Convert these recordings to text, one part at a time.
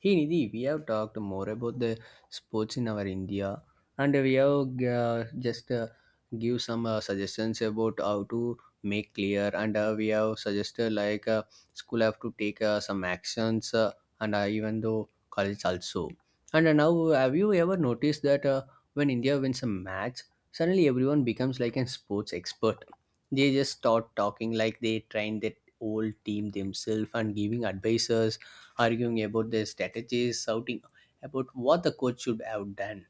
Hey Nidhi, we have talked more about the sports in our India, and we have just give some suggestions about how to make clear, and we have suggested like school have to take some actions, and even though college also. And now, have you ever noticed that when India wins a match, suddenly everyone becomes like a sports expert? They just start talking like they train that whole team themselves and giving advices, arguing about their strategies, shouting about what the coach should have done.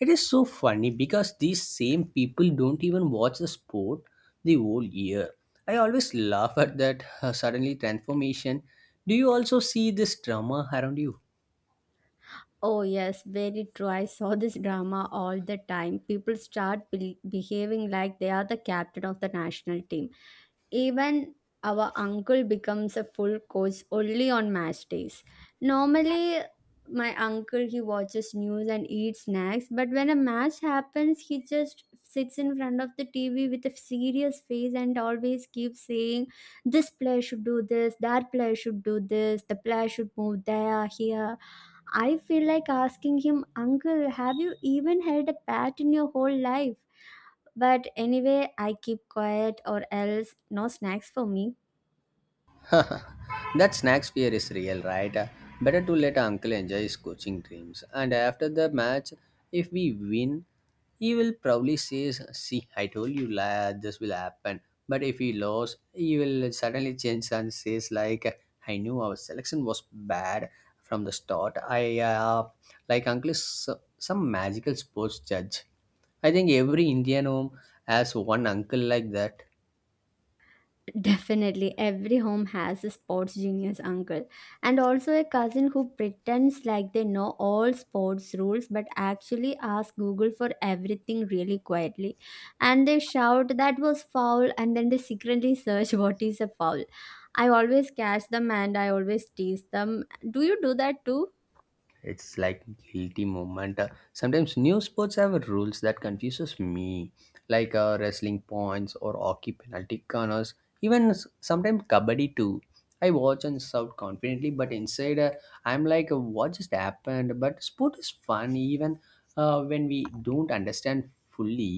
It is so funny because these same people don't even watch the sport the whole year. I always laugh at that suddenly transformation. Do you also see this drama around you? Oh, yes, very true. I saw this drama all the time. People start behaving like they are the captain of the national team. Even our uncle becomes a full coach only on match days. Normally, my uncle he watches news and eats snacks, but when a match happens, he just sits in front of the TV with a serious face and always keeps saying, "This player should do this, that player should do this, the player should move there, here." I feel like asking him, Uncle, have you even held a bat in your whole life? But anyway, I keep quiet or else no snacks for me. That snacks fear is real, right? Better to let uncle enjoy his coaching dreams. And after the match, if we win, he will probably say, "See, I told you la- this will happen." But if he lose, he will suddenly change and says like, "I knew our selection was bad from the start." I Like uncle is so- some magical sports judge. I think every Indian home has one uncle like that. Definitely, every home has a sports genius uncle and also a cousin who pretends like they know all sports rules but actually ask Google for everything really quietly. And they shout that was foul and then they secretly search what is a foul. I always catch them and I always tease them. Do you do that too? It's like guilty moment. Sometimes new sports have rules that confuses me like wrestling points or hockey penalty corners, even s- sometimes kabaddi too. I watch and shout confidently, but inside I'm like what just happened, but sport is fun even when we don't understand fully.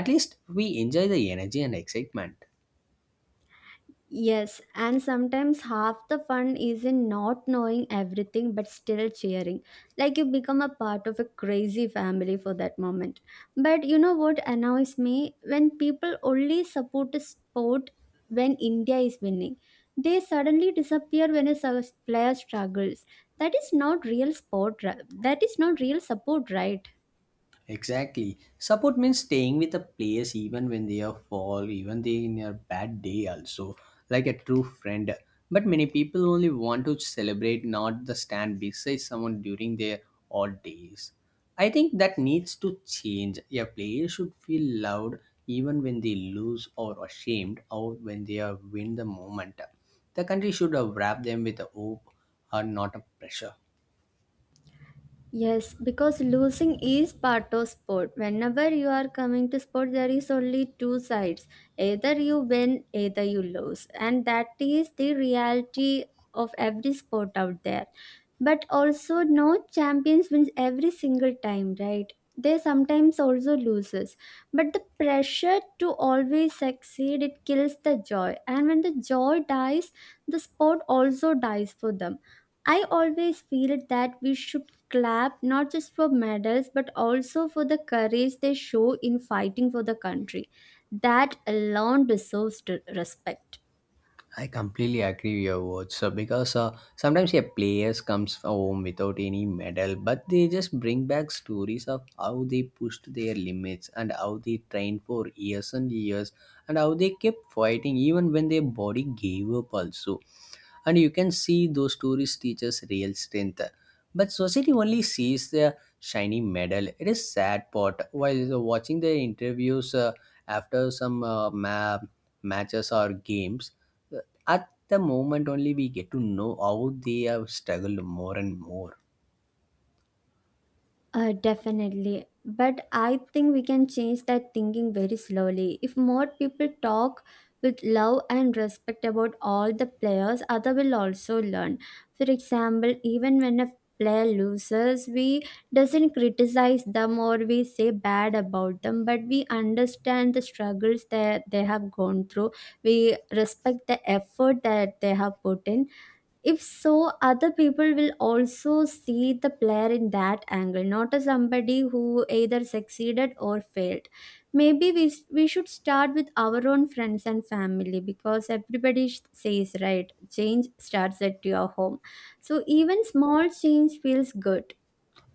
At least we enjoy the energy and excitement. Yes, and sometimes half the fun is in not knowing everything but still cheering. Like you become a part of a crazy family for that moment. But you know what annoys me? When people only support a sport when India is winning, they suddenly disappear when a player struggles. That is not real sport. That is not real support, right? Exactly. Support means staying with the players even when they are fall, even they in a bad day also, like a true friend. But many people only want to celebrate, not the stand beside someone during their odd days. I think that needs to change. A player should feel loved even when they lose or ashamed or when they are win the moment. The country should wrap them with a hope or not a pressure. Yes, because losing is part of sport. Whenever you are coming to sport, there is only two sides. Either you win, either you lose. And that is the reality of every sport out there, but also no champions wins every single time, right? They sometimes also loses, but the pressure to always succeed it kills the joy, and when the joy dies the sport also dies for them. I always feel that we should clap not just for medals but also for the courage they show in fighting for the country. That alone deserves to respect. I completely agree with your words. So because sometimes, yeah, players comes home without any medal, but they just bring back stories of how they pushed their limits and how they trained for years and years, and how they kept fighting even when their body gave up also. And you can see those tourist teachers real strength, but society only sees the shiny medal. It is sad part. While watching the interviews after some matches or games, uh, at the moment only we get to know how they have struggled more and more. Definitely. But I think we can change that thinking very slowly. If more people talk with love and respect about all the players, other will also learn. For example, even when a player loses, we doesn't criticize them or we say bad about them, but we understand the struggles that they have gone through. We respect the effort that they have put in. If so, other people will also see the player in that angle, not as somebody who either succeeded or failed. Maybe we should start with our own friends and family because everybody says, right, change starts at your home. So even small change feels good.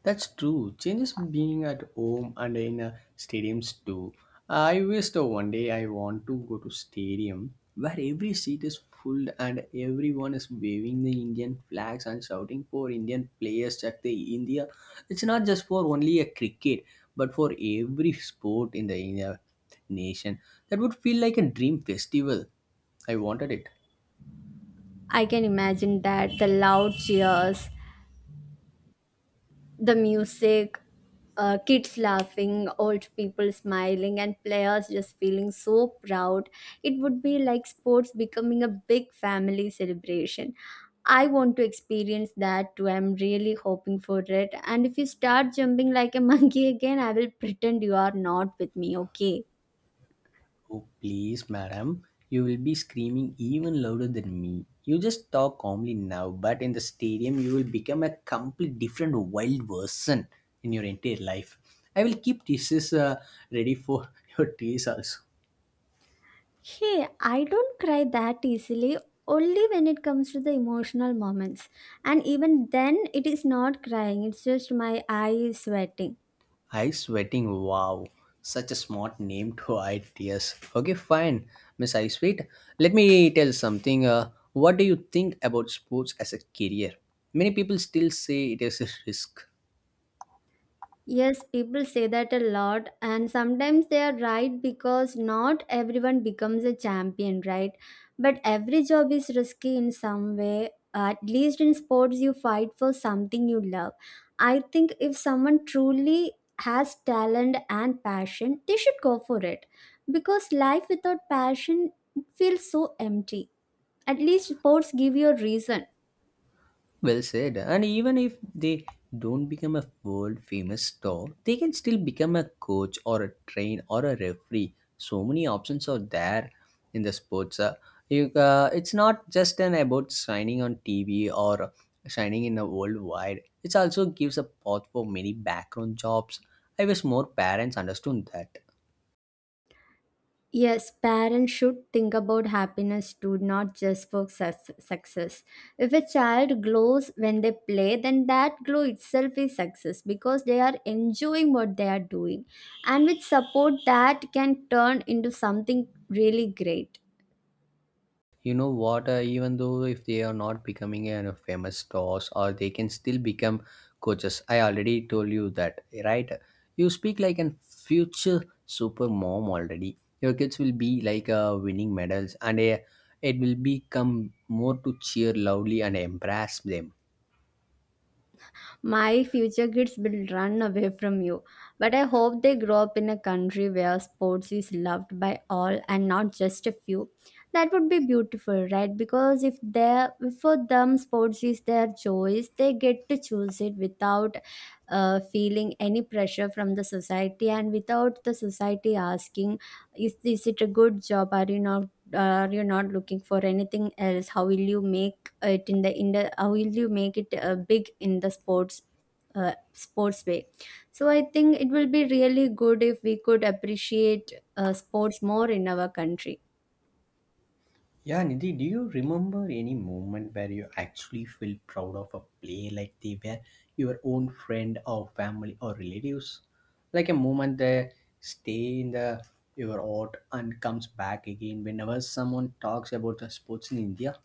That's true. Changes being at home and in a stadiums too. I wish the one day I want to go to stadium where every seat is full and everyone is waving the Indian flags and shouting for Indian players at the India. It's not just for only a cricket, but for every sport in the India nation. That would feel like a dream festival. I wanted it. I can imagine that the loud cheers, the music, kids laughing, old people smiling, and players just feeling so proud. It would be like sports becoming a big family celebration. I want to experience that too. I'm really hoping for it. And if you start jumping like a monkey again, I will pretend you are not with me, okay? Oh, please, madam. You will be screaming even louder than me. You just talk calmly now, but in the stadium, you will become a complete different wild person in your entire life. I will keep tissues ready for your tears also. Hey, I don't cry that easily, only when it comes to the emotional moments. And even then, it is not crying, it's just my eyes sweating. I sweating. Wow, such a smart name to hide tears. Okay, fine, Miss I sweet. Let me tell something. What do you think about sports as a career? Many people still say it is a risk. Yes, people say that a lot, and sometimes they are right because not everyone becomes a champion, right? But every job is risky in some way. At least in sports, you fight for something you love. I think if someone truly has talent and passion, they should go for it because life without passion feels so empty. At least sports give you a reason. Well said. And even if they don't become a world famous star, they can still become a coach or a train or a referee. So many options are there in the sports. It's not just an about shining on TV or shining in the worldwide. It also gives a path for many background jobs. I wish more parents understood that. Yes, parents should think about happiness too, not just for success. If a child glows when they play, then that glow itself is success because they are enjoying what they are doing. And with support, that can turn into something really great. You know what, even though if they are not becoming a famous stars or they can still become coaches. I already told you that, right? You speak like an future super mom already. Your kids will be like winning medals and it will become more to cheer loudly and embrace them. My future kids will run away from you. But I hope they grow up in a country where sports is loved by all and not just a few. That would be beautiful, right? Because if they, for them sports is their choice, they get to choose it without feeling any pressure from the society and without the society asking, is it a good job? Are you not looking for anything else? How will you make it in the how will you make it big in the sports, sports way. So I think it will be really good if we could appreciate, sports more in our country. Yeah, Nidhi, do you remember any moment where you actually feel proud of a play like they were your own friend or family or relatives? Like a moment that stay in the your heart and comes back again whenever someone talks about the sports in India?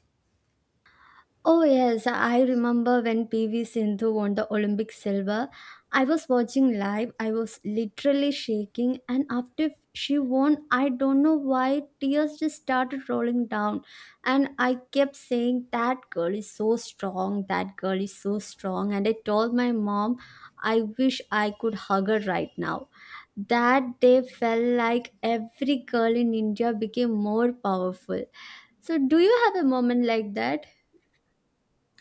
Oh yes, I remember when PV Sindhu won the Olympic silver. I was watching live. I was literally shaking, and after she won, I don't know why tears just started rolling down, and I kept saying that girl is so strong, that girl is so strong, and I told my mom I wish I could hug her right now. That day felt like every girl in India became more powerful. So do you have a moment like that?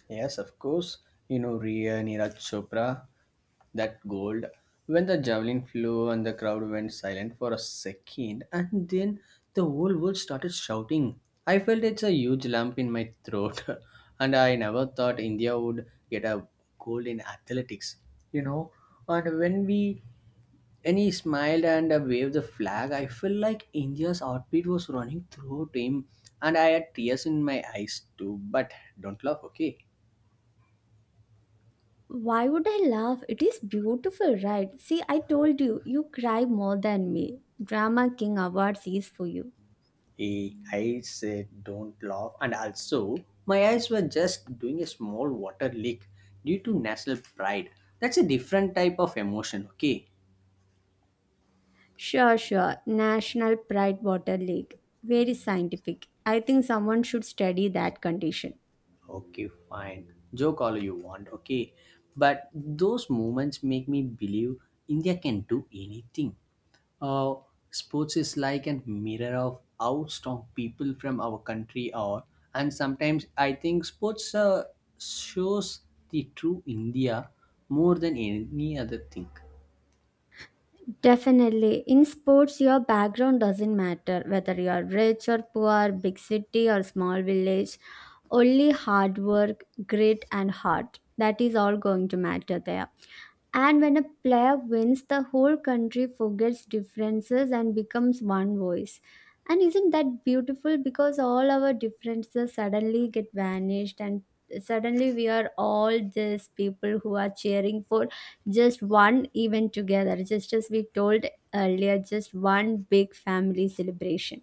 Yes, of course. You know, Rhea, Neeraj Chopra, that gold when the javelin flew and the crowd went silent for a second, and then the whole world started shouting. I felt it's a huge lump in my throat. And I never thought India would get a gold in athletics, you know. And when we and he smiled and waved the flag, I felt like India's heartbeat was running through him. And I had tears in my eyes too, but don't laugh, okay? Why would I laugh? It is beautiful, right? See, I told you, you cry more than me. Drama King Awards is for you. Eh, I said, don't laugh. And also, my eyes were just doing a small water leak due to national pride. That's a different type of emotion, okay? Sure, sure. National Pride Water Lake. Very scientific. I think someone should study that condition. Okay, fine. Joke all you want, okay? But those moments make me believe India can do anything. Uh, Sports is like a mirror of how strong people from our country are, and sometimes I think sports shows the true India more than any other thing. Definitely. In sports, your background doesn't matter whether you are rich or poor, big city or small village. Only hard work, grit, and heart. That is all going to matter there. And when a player wins, the whole country forgets differences and becomes one voice. And isn't that beautiful? Because all our differences suddenly get vanished, and suddenly we are all just people who are cheering for just one event together, just as we told earlier, just one big family celebration.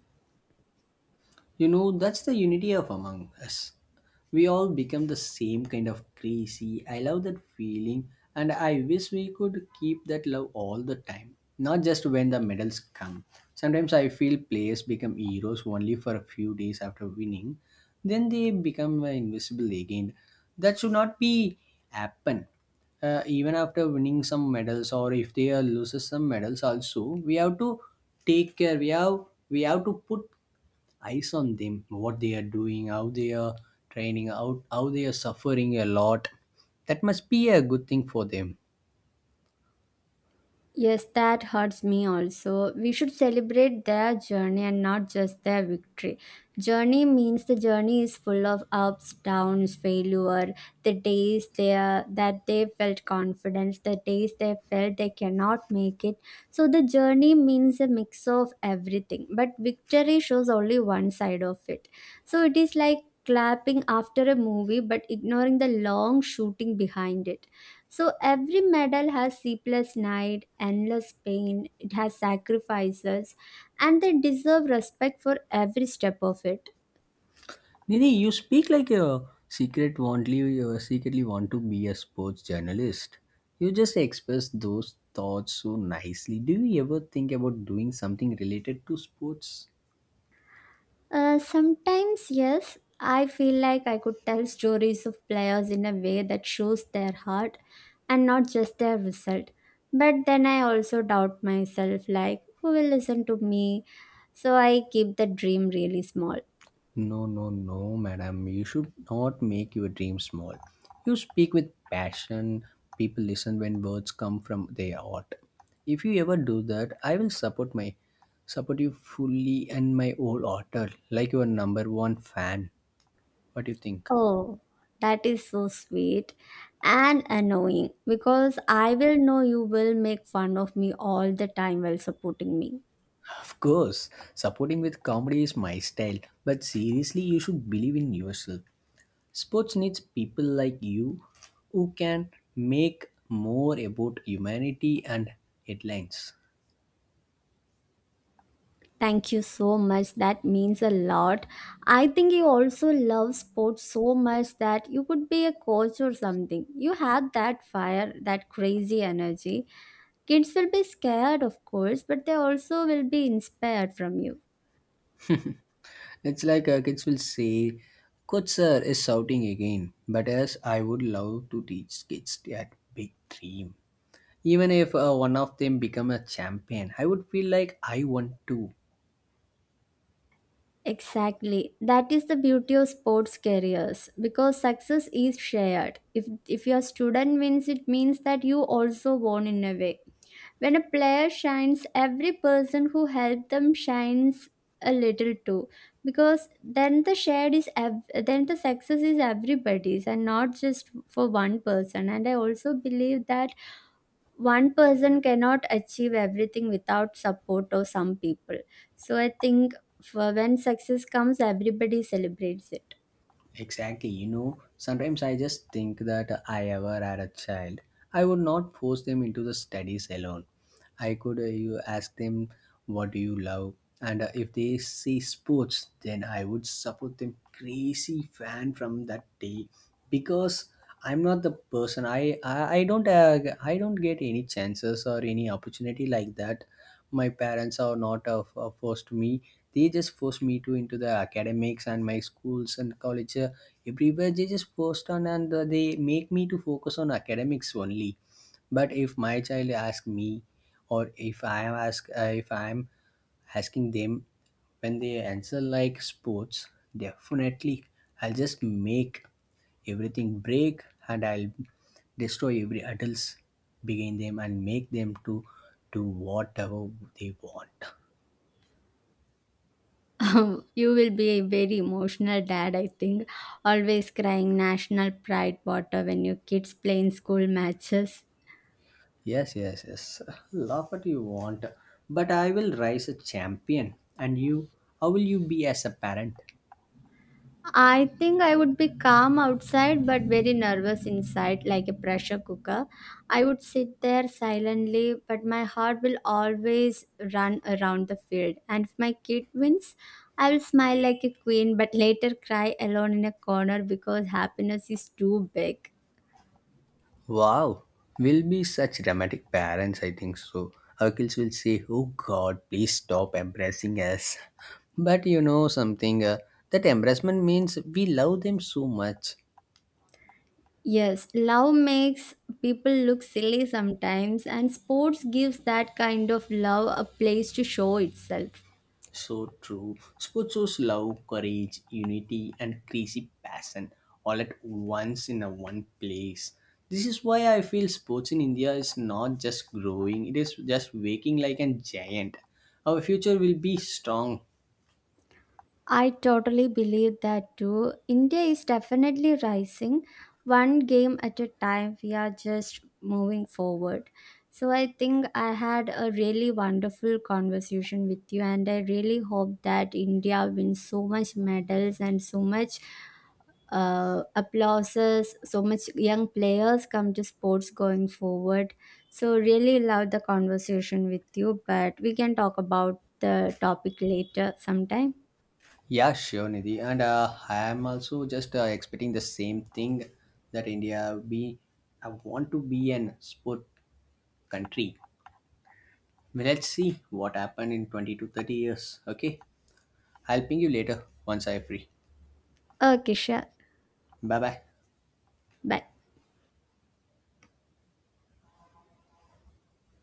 You know, that's the unity of Among Us. We all become the same kind of crazy. I love that feeling, and I wish we could keep that love all the time, not just when the medals come. Sometimes I feel players become heroes only for a few days after winning, then they become invisible again. That should not be happen. Even after winning some medals, or if they loses some medals, also we have to take care. We have to put eyes on them, what they are doing, how they are training, how they are suffering a lot. That must be a good thing for them. Yes, that hurts me also. We should celebrate their journey and not just their victory. Journey means the journey is full of ups, downs, failure, the days they are, that they felt confidence, the days they felt they cannot make it. So the journey means a mix of everything, but victory shows only one side of it. So it is like clapping after a movie but ignoring the long shooting behind it. So every medal has sleepless night, endless pain, it has sacrifices, and they deserve respect for every step of it. Nidhi, you speak like a secret wantly, you secretly want to be a sports journalist. You just express those thoughts so nicely. Do you ever think about doing something related to sports? Sometimes, yes, I feel like I could tell stories of players in a way that shows their heart and not just their result. But then I also doubt myself like, who will listen to me? So I keep the dream really small. No, no, no, madam. You should not make your dream small. You speak with passion. People listen when words come from their heart. If you ever do that, I will support you fully and my whole heart, like your number one fan. What do you think? Oh, that is so sweet and annoying because I will know you will make fun of me all the time while supporting me. Of course, supporting with comedy is my style, but seriously, you should believe in yourself. Sports needs people like you who can make more about humanity and headlines. Thank you so much. That means a lot. I think you also love sports so much that you could be a coach or something. You have that fire, that crazy energy. Kids will be scared, of course, but they also will be inspired from you. It's like kids will say, "Coach sir is shouting again." But yes, I would love to teach kids that big dream. Even if one of them become a champion, I would feel like I want to. Exactly. That is the beauty of sports careers because success is shared. If your student wins, it means that you also won in a way. When a player shines, every person who helped them shines a little too, because then the shared is then the success is everybody's and not just for one person. And I also believe that one person cannot achieve everything without support of some people, so I think for when success comes everybody celebrates it. Exactly. You know, sometimes I just think that I ever had a child, I would not force them into the studies alone. I could you ask them, what do you love, and if they say sports, then I would support them crazy fan from that day. Because I'm not the person. I don't I don't get any chances or any opportunity like that. My parents are not forced me. They just forced me to into the academics and my schools and college, everywhere they just forced on, and they make me to focus on academics only. But if my child ask me, or if I am ask, if I am asking them, when they answer like sports, definitely I'll just make everything break, and I'll destroy every adults begin them and make them to do whatever they want. You will be a very emotional dad, I think, always crying national pride water when your kids play in school matches. Yes, yes, yes. Laugh what you want. But I will rise a champion. And you, how will you be as a parent? I think I would be calm outside but very nervous inside, like a pressure cooker. I would sit there silently, but my heart will always run around the field. And if my kid wins, I will smile like a queen but later cry alone in a corner because happiness is too big. Wow, will be such dramatic parents, I think so. Our kids will say, "Oh God, please stop embracing us." But you know something, that embarrassment means we love them so much. Yes, love makes people look silly sometimes, and sports gives that kind of love a place to show itself. So true. Sports shows love, courage, unity, and crazy passion all at once in a one place. This is why I feel sports in India is not just growing, it is just waking like a giant. Our future will be strong. I totally believe that too. India is definitely rising one game at a time. We are just moving forward. So I think I had a really wonderful conversation with you and I really hope that India wins so much medals and so much, applauses, so much young players come to sports going forward. So really love the conversation with you, but we can talk about the topic later sometime. Yeah, sure, Nidhi. And I am also just expecting the same thing, that India be. I want to be an sport country. Well, let's see what happened in 20 to 30 years. Okay, I'll ping you later once I'm free. Okay, sure. 拜拜。Bye.